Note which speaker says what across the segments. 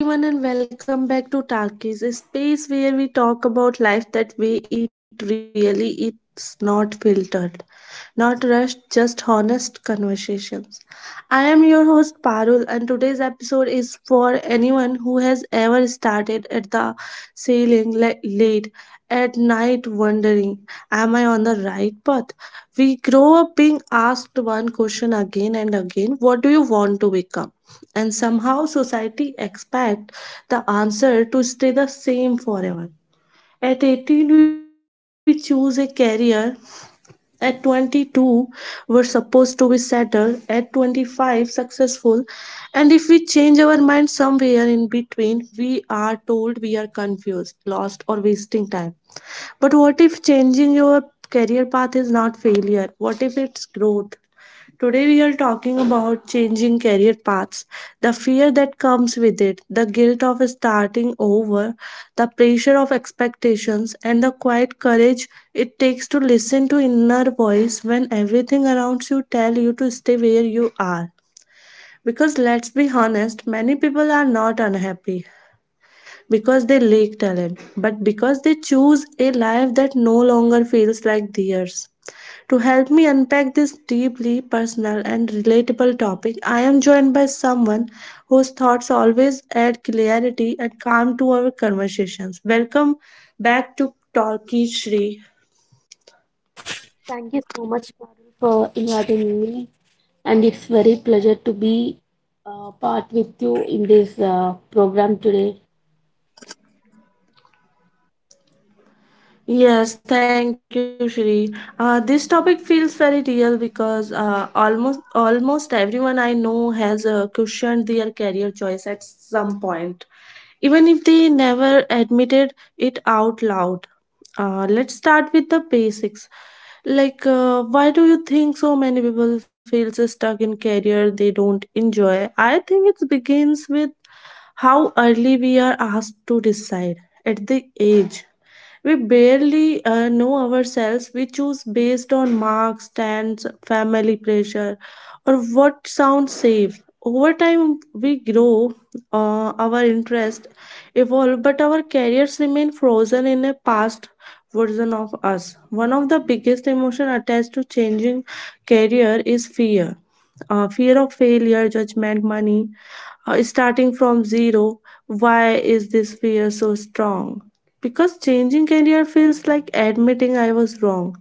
Speaker 1: Hello, everyone, and welcome back to Talkies, a space where we talk about life that way it really is not filtered, not rushed, just honest conversations. I am your host Parul, and today's episode is for anyone who has ever started at the ceiling late at night wondering, am I on the right path? We grow up being asked one question again and again, what do you want to become? And somehow society expects the answer to stay the same forever. At 18, we choose a career, at 22, we're supposed to be settled. At 25, successful. And if we change our mind somewhere in between, we are told we are confused, lost, or wasting time. But what if changing your career path is not failure? What if it's growth? Today, we are talking about changing career paths, the fear that comes with it, the guilt of starting over, the pressure of expectations, and the quiet courage it takes to listen to inner voice when everything around you tell you to stay where you are. Because let's be honest, many people are not unhappy because they lack talent, but because they choose a life that no longer feels like theirs. To help me unpack this deeply personal and relatable topic, I am joined by someone whose thoughts always add clarity and calm to our conversations. Welcome back to Talkie Shri.
Speaker 2: Thank you so much, Parul, for inviting me, and it's very pleasure to be part with you in this program today.
Speaker 1: Yes, thank you, Shri. This topic feels very real because almost everyone I know has questioned their career choice at some point, even if they never admitted it out loud. Let's start with the basics. Why do you think so many people feel so stuck in career they don't enjoy? I think it begins with how early we are asked to decide at the age. We barely know ourselves. We choose based on marks, stands, family pressure, or what sounds safe. Over time, we grow, our interest evolve, but our careers remain frozen in a past version of us. One of the biggest emotion attached to changing career is fear, fear of failure, judgment, money, starting from zero. Why is this fear so strong? Because changing career feels like admitting I was wrong,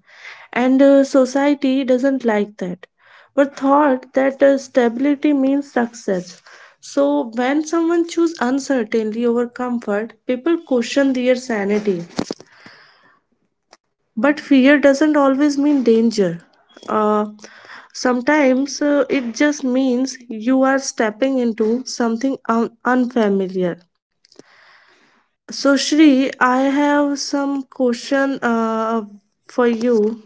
Speaker 1: and society doesn't like that. We're thought that stability means success. So when someone chooses uncertainty over comfort, people question their sanity. But fear doesn't always mean danger. Uh, Sometimes it just means you are stepping into something unfamiliar. So, Shri, I have some question for you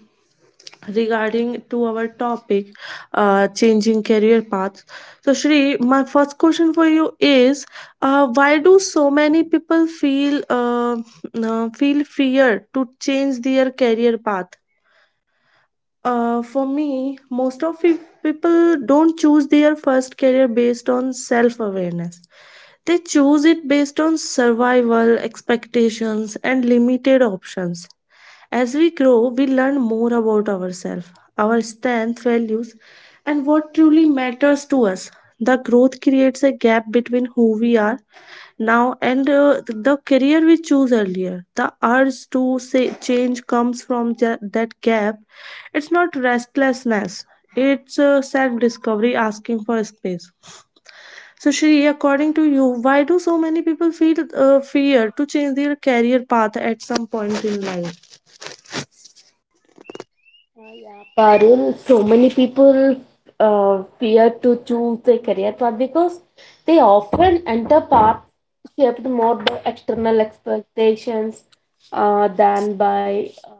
Speaker 1: regarding to our topic, changing career paths. So, Shri, my first question for you is, why do so many people feel fear to change their career path? For me, most of people don't choose their first career based on self awareness. They choose it based on survival, expectations, and limited options. As we grow, we learn more about ourselves, our strengths, values, and what truly matters to us. The growth creates a gap between who we are now and the career we choose earlier, the urge to say change comes from that gap. It's not restlessness, it's self discovery asking for space. So, Shri, according to you, why do so many people feel fear to change their career path at some point in life?
Speaker 2: Parul, so many people fear to choose their career path because they often enter paths shaped more by external expectations than by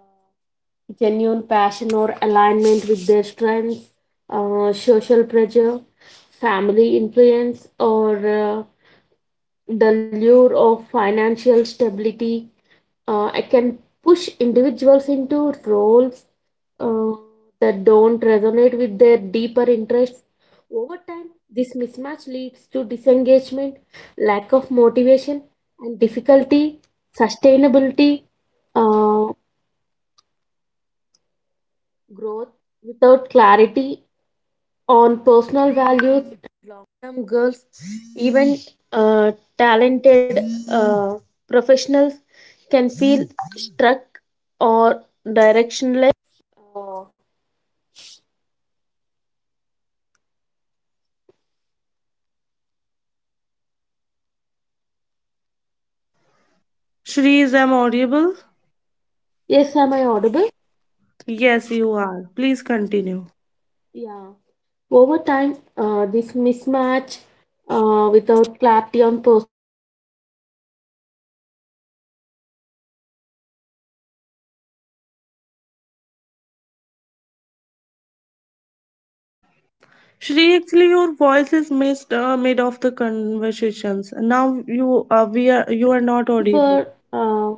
Speaker 2: genuine passion or alignment with their strengths, social pressure, family influence, or the lure of financial stability it can push individuals into roles uh, that don't resonate with their deeper interests over time. This mismatch leads to disengagement, lack of motivation, and difficulty sustainability, uh, growth without clarity on personal values.
Speaker 1: Shri, is am audible?
Speaker 2: Yes, am I audible?
Speaker 1: Yes, you are, please continue.
Speaker 2: Yeah. Over time, this mismatch without clarity on personal values and long-term goals, even even talented professionals, mm, can feel stuck for directionless.
Speaker 1: Shri, actually your
Speaker 2: Uh,
Speaker 1: voice is missed mid of the
Speaker 2: and long-term
Speaker 1: conversations,
Speaker 2: goals,
Speaker 1: now
Speaker 2: another major major
Speaker 1: you are not
Speaker 2: reason
Speaker 1: audible.
Speaker 2: for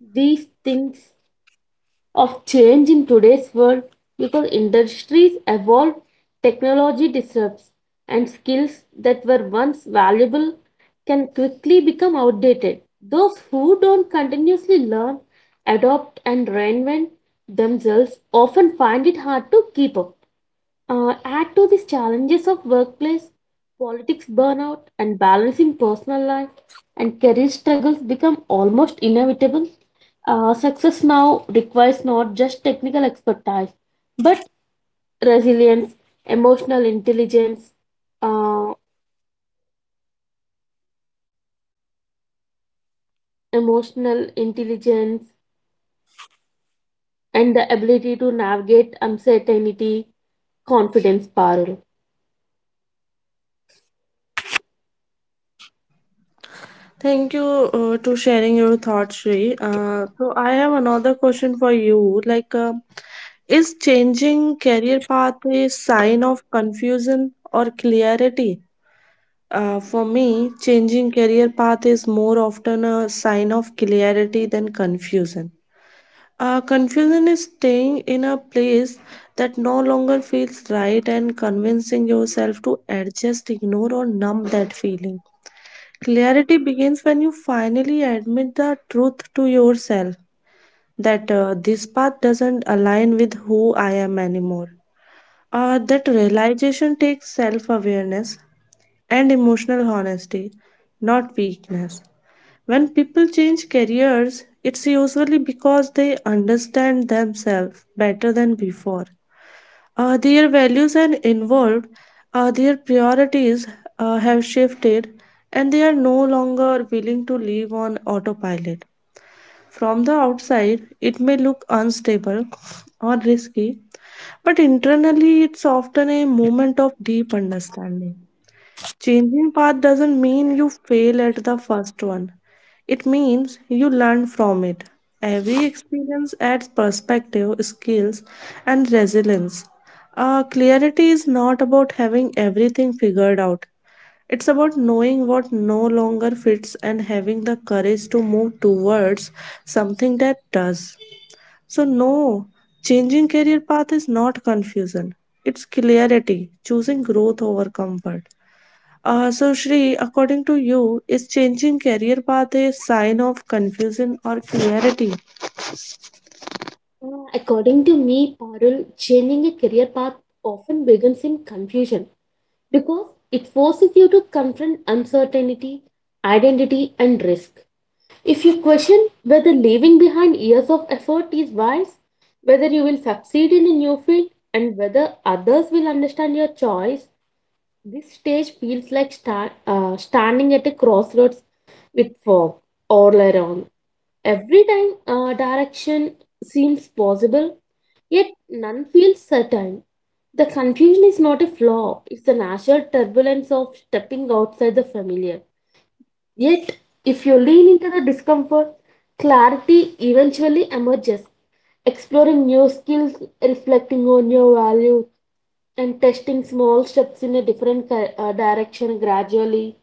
Speaker 2: these things of change in today's world, because industries evolve, technology disrupts, and skills that were once valuable can quickly become outdated. Those who don't continuously learn, adopt, and reinvent themselves often find it hard to keep up. Add to these challenges of workplace, politics burnout, and balancing personal life and career struggles become almost inevitable. Success now requires not just technical expertise, but resilience, emotional intelligence, uh, emotional intelligence, and the ability to navigate uncertainty, confidence, Parul.
Speaker 1: Thank you to sharing your thoughts, Shri. So I have another question for you. Is changing career path a sign of confusion or clarity? For me, changing career path is more often a sign of clarity than confusion. Confusion is staying in a place that no longer feels right and convincing yourself to adjust, ignore, or numb that feeling. Clarity begins when you finally admit the truth to yourself that this path doesn't align with who I am anymore. That realization takes self awareness and emotional honesty, not weakness. When people change careers, it's usually because they understand themselves better than before. Their values and involved, their priorities have shifted, and they are no longer willing to live on autopilot. From the outside, it may look unstable or risky, but internally, it's often a moment of deep understanding. Changing path doesn't mean you fail at the first one. It means you learn from it. Every experience adds perspective, skills, and resilience. Clarity is not about having everything figured out. It's about knowing what no longer fits and having the courage to move towards something that does. So, no, changing career path is not confusion. It's clarity, choosing growth over comfort. So, Shri, according to you, is changing career path a sign of confusion or clarity?
Speaker 2: According to me, Parul, changing a career path often begins in confusion because it forces you to confront uncertainty, identity, and risk. If you question whether leaving behind years of effort is wise, whether you will succeed in a new field, and whether others will understand your choice, this stage feels like standing at a crossroads with fog all around. Every time direction seems possible, yet none feels certain. The confusion is not a flaw, it's the natural turbulence of stepping outside the familiar. Yet, if you lean into the discomfort, clarity eventually emerges. Exploring new skills, reflecting on your values, and testing small steps in a different direction gradually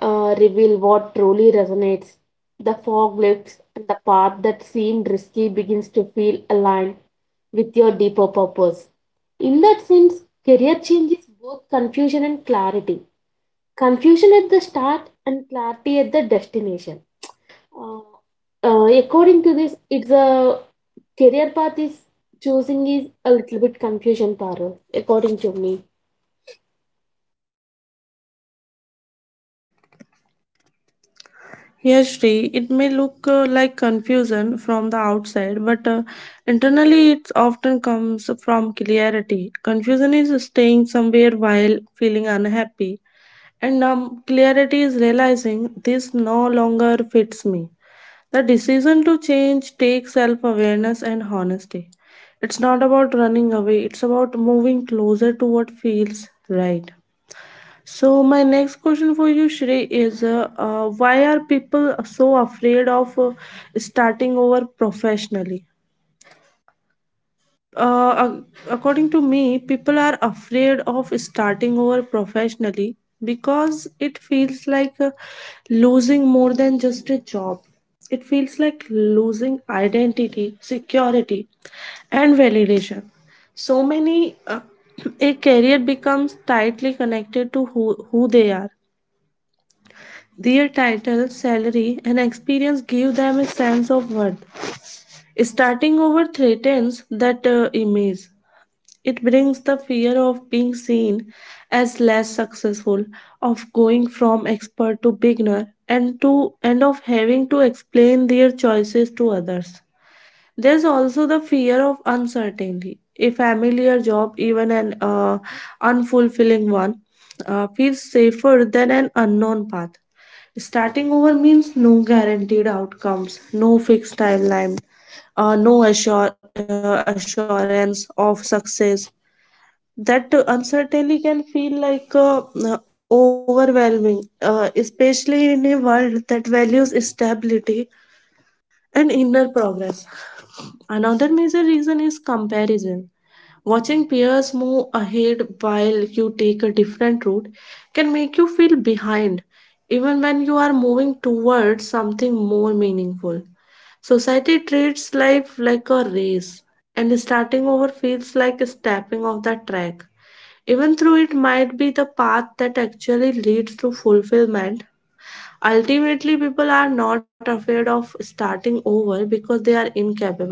Speaker 2: reveal what truly resonates. The fog lifts, and the path that seemed risky begins to feel aligned with your deeper purpose. In that sense, career change is both confusion and clarity, confusion at the start and clarity at the destination. Uh, according to this, it's a career path is choosing is a little bit confusion, Parul, according to me.
Speaker 1: Yes, Shri, it may look like confusion from the outside, but internally it often comes from clarity. Confusion is staying somewhere while feeling unhappy, and clarity is realizing this no longer fits me. The decision to change takes self awareness and honesty. It's not about running away, it's about moving closer to what feels right. So, my next question for you, Shri, is why are people so afraid of starting over professionally? uh, ac- According to me, people are afraid of starting over professionally because it feels like losing more than just a job. It feels like losing identity, security, and validation. So many, a career becomes tightly connected to who they are. Their title, salary, and experience give them a sense of worth. Starting over threatens that image. It brings the fear of being seen as less successful, of going from expert to beginner, and of having to explain their choices to others. There's also the fear of uncertainty. A familiar job, even an unfulfilling one, feels safer than an unknown path. Starting over means no guaranteed outcomes, no fixed timeline, no assurance of success. That uncertainty can feel like overwhelming, especially in a world that values stability and inner progress. Another major reason is comparison. Watching peers move ahead while you take a different route can make you feel behind, even when you are moving towards something more meaningful. Society treats life like a race, and starting over feels like stepping off the track, even though it might be the path that actually leads to fulfillment. Ultimately, people are not afraid of starting over because they are incapable,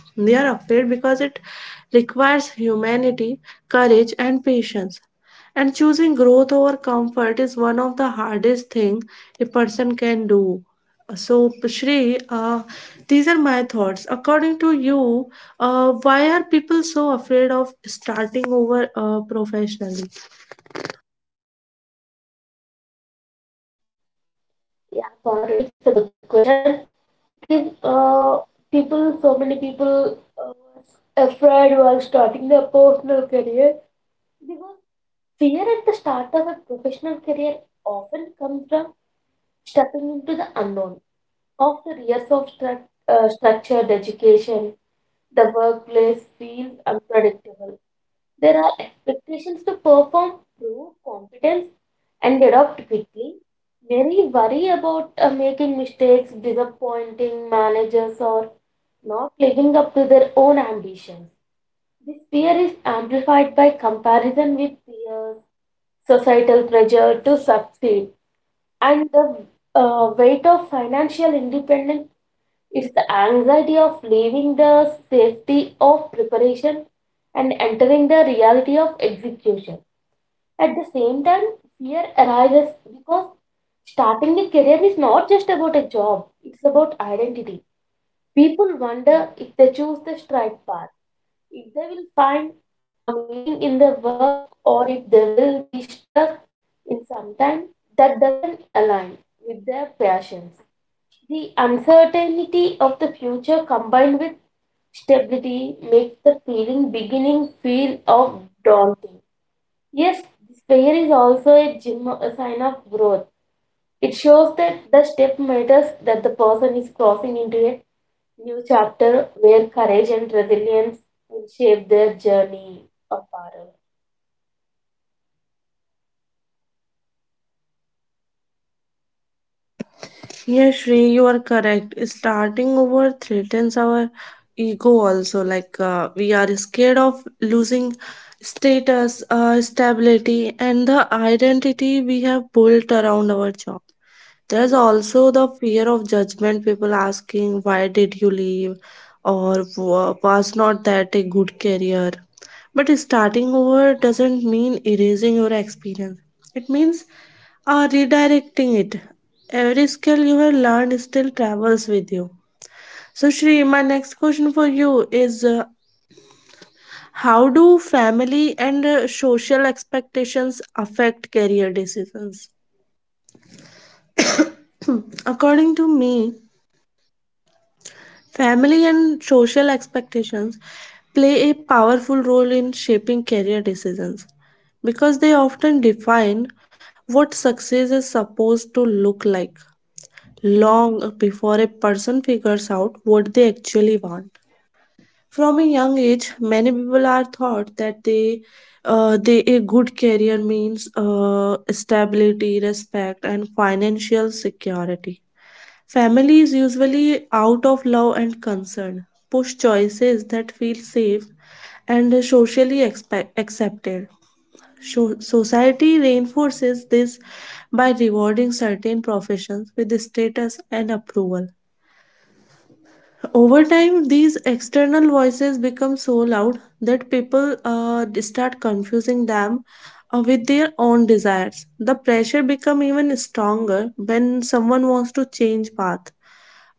Speaker 1: they are afraid because it requires humanity, courage, and patience, and choosing growth over comfort is one of the hardest things a person can do. So, Shri, these are my thoughts. According to you, why are people so afraid of starting over professionally?
Speaker 2: Yeah, Parul, it's a good question. Because People, so many people afraid while starting their personal career. Because fear at the start of a professional career often comes from stepping into the unknown. After years of structured education, the workplace feels unpredictable. There are expectations to perform, prove competence, and adapt quickly. Many worry about making mistakes, disappointing managers, or not living up to their own ambitions. This fear is amplified by comparison with peers, societal pressure to succeed, and the weight of financial independence is the anxiety of leaving the safety of preparation and entering the reality of execution. At the same time, fear arises because starting a career is not just about a job, it's about identity. People wonder if they choose the right path, if they will find a meaning in their work, or if they will be stuck in sometime that doesn't align with their passions. The uncertainty of the future combined with stability makes the feeling beginning feel of daunting. Yes, this fear is also a, gym, a sign of growth. It shows that the step matters, that the person is crossing into a new chapter where courage and resilience will shape their journey of Parul.
Speaker 1: Yes, Shri, you are correct. Starting over threatens our ego also. We are scared of losing status, stability, and the identity we have built around our job. There's also the fear of judgment. People asking, "Why did you leave?" or Was not that a good career?" But starting over doesn't mean erasing your experience. It means are redirecting it. Every skill you have learned still travels with you. So, Shri, my next question for you is how do family and social expectations affect career decisions? According to me, family and social expectations play a powerful role in shaping career decisions because they often define what success is supposed to look like, long before a person figures out what they actually want. From a young age, many people are taught that they a good career means stability, respect, and financial security. Families, usually out of love and concern, push choices that feel safe and socially accepted. Society reinforces this by rewarding certain professions with status and approval. Over time, these external voices become so loud that people start confusing them with their own desires. The pressure become even stronger when someone wants to change path.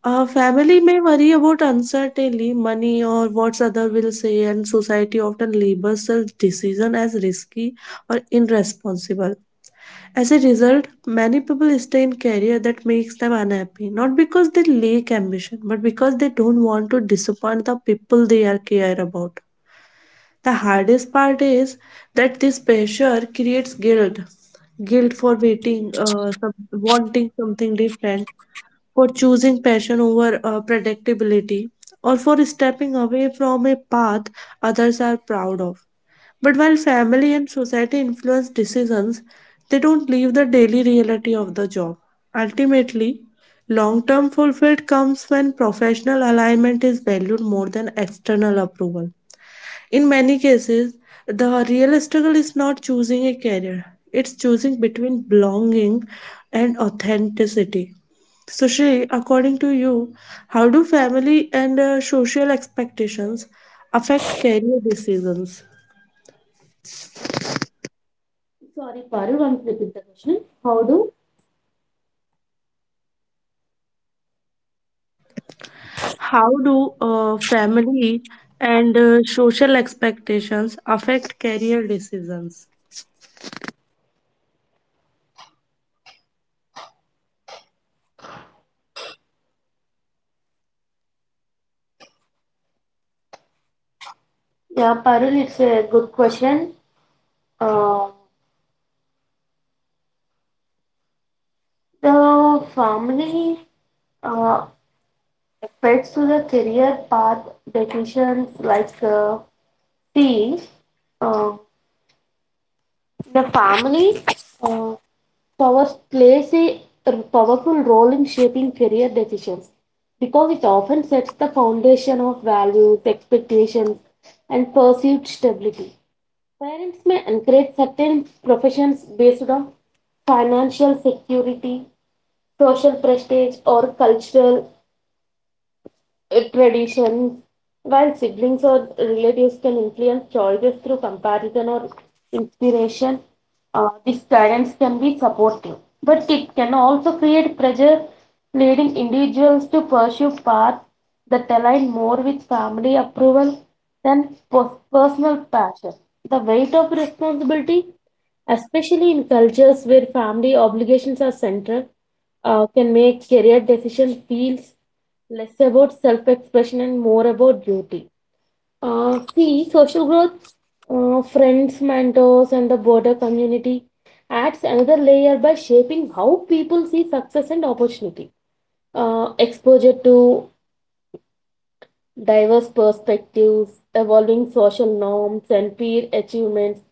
Speaker 1: Family may worry about uncertainty, money, or what other will say, and society often labels such decision as risky or irresponsible. As a result, many people stay in career that makes them unhappy, not because they lack ambition, but because they don't want to disappoint the people they are care about. The hardest part is that this pressure creates guilt, guilt for waiting, wanting something different, for choosing passion over predictability, or for stepping away from a path others are proud of. But while family and society influence decisions, they don't leave the daily reality of the job. Ultimately, long term fulfillment comes when professional alignment is valued more than external approval. In many cases, the real struggle is not choosing a career, it's choosing between belonging and authenticity. So, Sri, according to you, how do family and social expectations affect career decisions?
Speaker 2: Sorry, Parul, want to repeat the question? How do?
Speaker 1: How do family and social expectations affect career decisions?
Speaker 2: Yeah, Parul, it's a good question. Uh, the family uh, affects to the career path decisions like see, uh, the family uh, Powers plays a powerful role in shaping career decisions because it often sets the foundation of values, expectations, and perceived stability. Parents may encourage certain professions based on financial security, social prestige, or cultural traditions, while siblings or relatives can influence choices through comparison or inspiration. This guidance be supportive, but it can also create pressure, leading individuals to pursue paths that align more with family approval than personal passion. The weight of responsibility, especially in cultures where family obligations are central, can make career decision feels less about self expression and more about duty. Social growth, friends, mentors, and the broader community adds another layer by shaping how people see success and opportunity. Exposure to diverse perspectives, evolving social norms, and peer achievements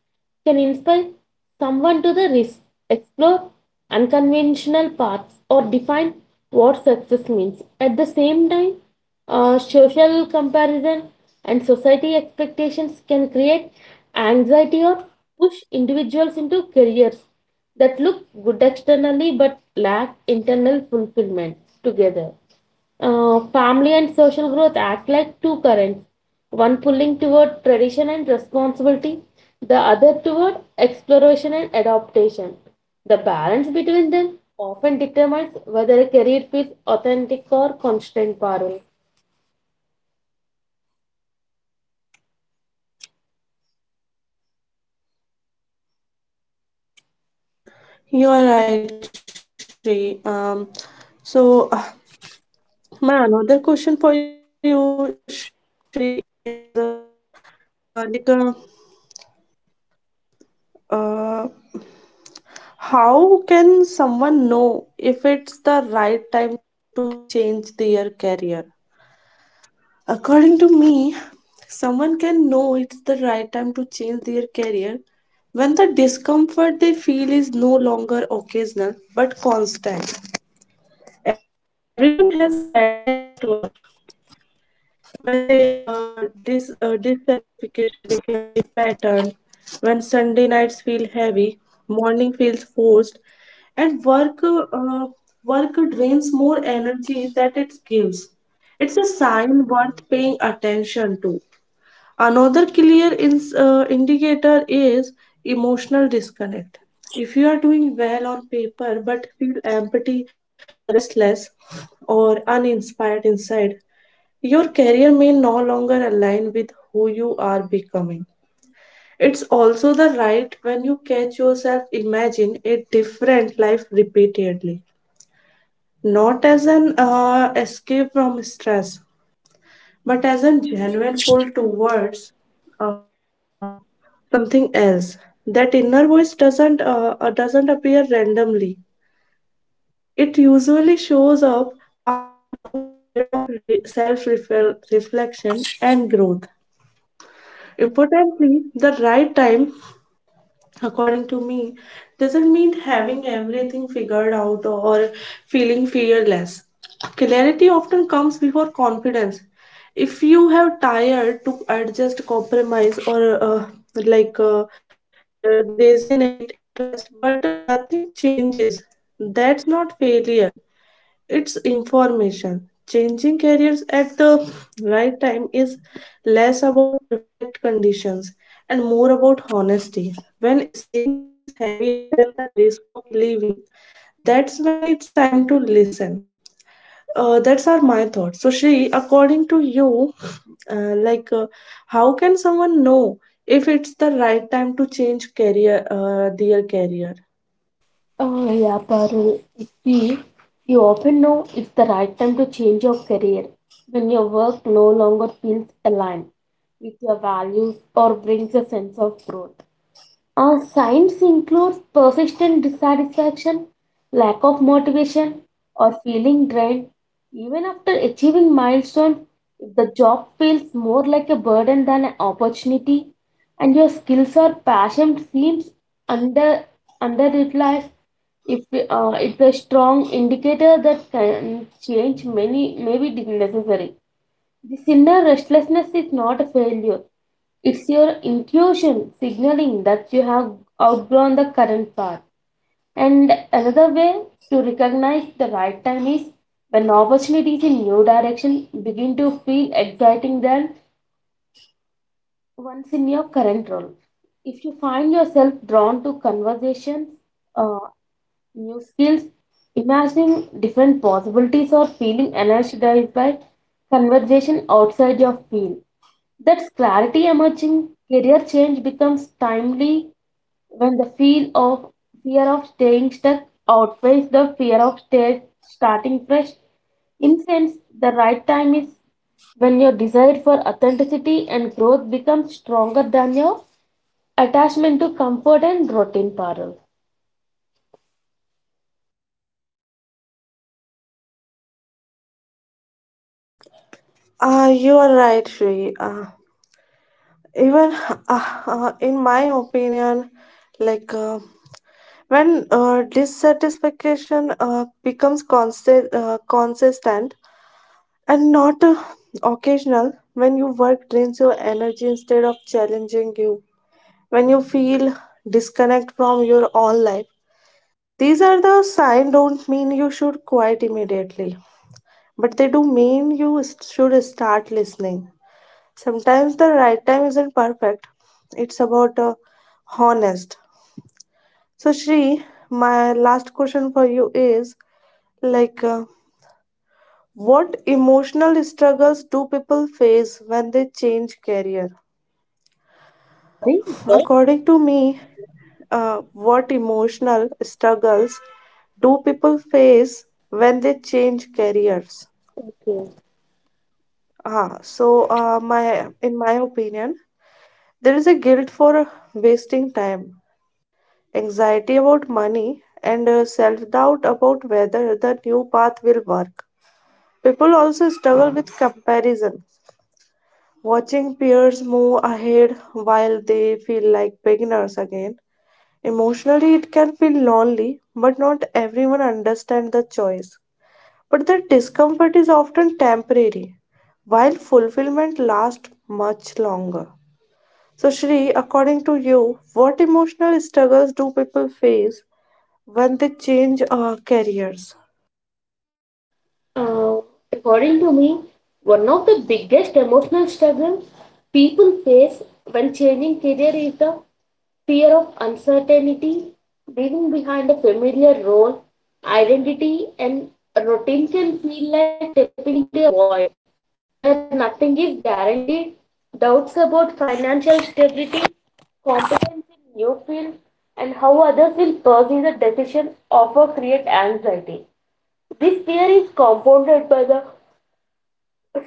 Speaker 2: can inspire someone to the risk, explore unconventional paths, or define what success means. At the same time, social comparison and society expectations can create anxiety or push individuals into careers that look good externally but lack internal fulfillment together. Family and social growth act like two currents, one pulling toward tradition and responsibility, the other toward exploration and adaptation. The balance between them often determines whether a career feels authentic or constant Parul.
Speaker 1: You are right, Shri. So, uh, my another question for you, Shri, is uh, like, uh, uh, how can someone know if it's the right time to change their career? According to me, someone can know it's the right time to change their career when the discomfort they feel is no longer occasional but constant. Everyone has bad days at work. When they dissatisfaction became a pattern, when Sunday nights feel heavy, morning feels forced, and uh, work drains more energy that it gives. It's a sign worth paying attention to. Another clear ins indicator is emotional disconnect. If you are doing well on paper but feel empty or restless or uninspired inside, your career may no longer align with who you are becoming. It's also the right when you catch yourself imagine a different life repeatedly, not as an escape from stress but as a genuine pull towards uh, something else. That inner voice doesn't appear randomly. It usually shows up after a long period of self reflection and growth. Importantly, the right time, according to me, doesn't mean having everything figured out or feeling fearless. Clarity often comes before confidence. If you have tired to adjust compromise or resonate interest but nothing changes, that's not failure, it's information. Changing careers at the right time is less about perfect conditions and more about honesty. When staying feels heavier than the risk of leaving, that's when it's time to listen. That's are my thoughts. So, Shri, according to you, uh, like, uh, how can someone know if it's the right time to change career, their career?
Speaker 2: Oh, yeah, Parul. You see, you often know it's the right time to change your career when your work no longer feels aligned with your values or brings a sense of growth. Signs include persistent dissatisfaction, lack of motivation, or feeling drained even after achieving milestones. If the job feels more like a burden than an opportunity, and your skills or passion seems under underutilized, if it's a strong indicator that can change many may be necessary. This inner restlessness is not a failure. It's your intuition signaling that you have outgrown the current path. And another way to recognize the right time is when opportunities in new direction begin to feel exciting than ones in your current role. If you find yourself drawn to conversations, uh, new skills, imagining different possibilities, or feeling energized by conversation outside your field, that's clarity emerging. Career change becomes timely when the feel of fear of staying stuck outweighs the fear of starting fresh. In sense, the right time is when your desire for authenticity and growth becomes stronger than your attachment to comfort and routine parallel.
Speaker 1: You are right, Shri. Even in my opinion, like uh, when dissatisfaction becomes constant, consistent, and not occasional, when you work drains your energy instead of challenging you, when you feel disconnect from your own life, these are the sign. Don't mean you should quit immediately, but they do mean you should start listening. Sometimes the right time isn't perfect, it's about honest. So, Shri, my last question for you is like uh, what emotional struggles do people face when they change career?
Speaker 2: Sorry.
Speaker 1: According to me, what emotional struggles do people face when they change careers?
Speaker 2: Okay.
Speaker 1: Ah, so my in my opinion, there is a guilt for wasting time, anxiety about money, and self-doubt about whether the new path will work. People also struggle with comparison, watching peers move ahead while they feel like beginners again. Emotionally, it can feel lonely, but not everyone understands the choice. But the discomfort is often temporary, while fulfillment lasts much longer. So, Shri, according to you, what emotional struggles do people face when they change careers?
Speaker 2: Uh, according to me, one of the biggest emotional struggles people face when changing career is the fear of uncertainty. Leaving behind a familiar role, identity, and routine can feel like stepping into a void where nothing is guaranteed. Doubts about financial stability, competence in new field, and how others will perceive the decision often create anxiety. This fear is compounded by the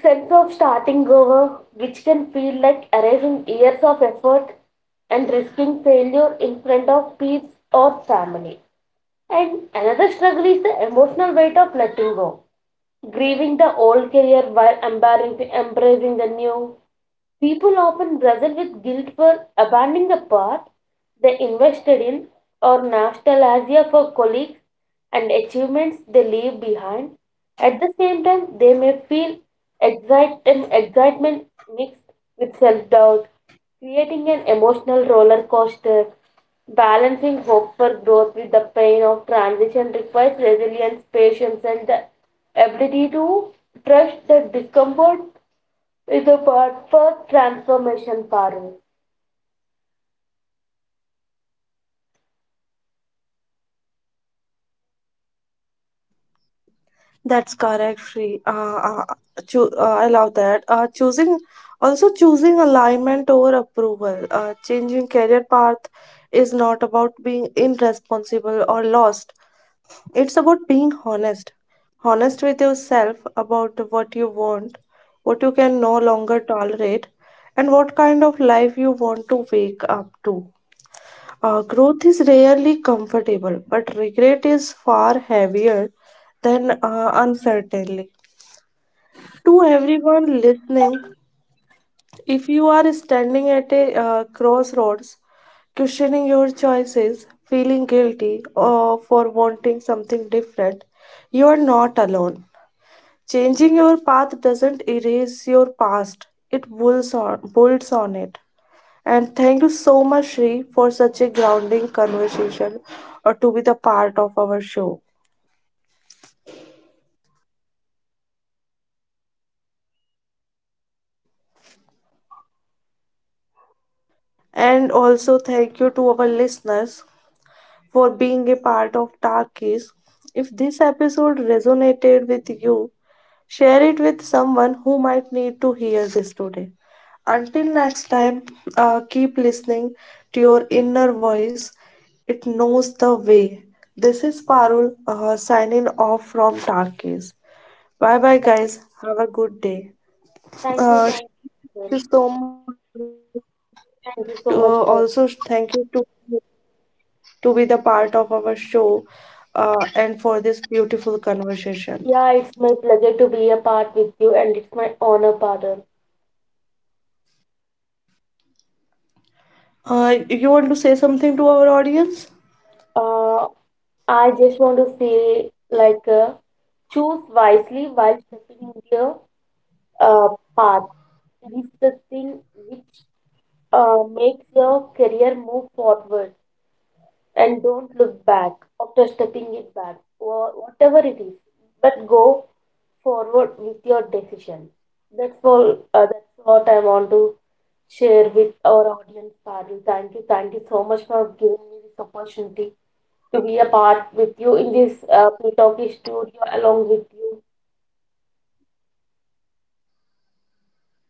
Speaker 2: sense of starting over, which can feel like erasing years of effort and risking failure in front of peers or family. And another struggle is the emotional weight of letting go, grieving the old career while embracing the new. People often wrestle with guilt for abandoning the path they invested in, or nostalgia for colleagues and achievements they leave behind. At the same time, they may feel excitement mixed with self doubt, creating an emotional roller coaster. Balancing hope for growth with the pain of transition requires resilience, patience, and the ability to trust the discomfort, it's the first transformation, Parul.
Speaker 1: That's correct, Shri. I love that. Choosing alignment over approval. Changing career path is not about being irresponsible or lost. It's about being honest, honest with yourself about what you want, what you can no longer tolerate, and what kind of life you want to wake up to. Growth is rarely comfortable, but regret is far heavier than uncertainty. To everyone listening, if you are standing at a crossroads, questioning your choices, feeling guilty or for wanting something different, you are not alone. Changing your path doesn't erase your past, it builds on it. And thank you so much, Shri, for such a grounding conversation or to be the part of our show. And also thank you to our listeners for being a part of Dark Keys. If this episode resonated with you, share it with someone who might need to hear this today. Until next time, keep listening to your inner voice. It knows the way. This is Parul signing off from Dark Keys. Bye bye, guys. Have a good day.
Speaker 2: Thank you,
Speaker 1: Thank
Speaker 2: thank you.
Speaker 1: you so much. To, also,
Speaker 2: Thank you
Speaker 1: thank you
Speaker 2: so much. Parul.
Speaker 1: to be the part of our show, and for this beautiful conversation.
Speaker 2: Yeah, it's my pleasure to be a part with you, and it's my honor, Parul.
Speaker 1: You want to say something to our audience?
Speaker 2: Uh, I just want to say, like, choose wisely while stepping into your uh, path. It is the thing which makes your career move forward, and don't look back after stepping it back, whatever it is. But go forward with your decision. That's all. That's what I want to share with our audience, Parul. Thank you so much for giving me this opportunity to be a part with you in this Pre Talkie studio along with you.
Speaker 1: Thank you so much, Shri.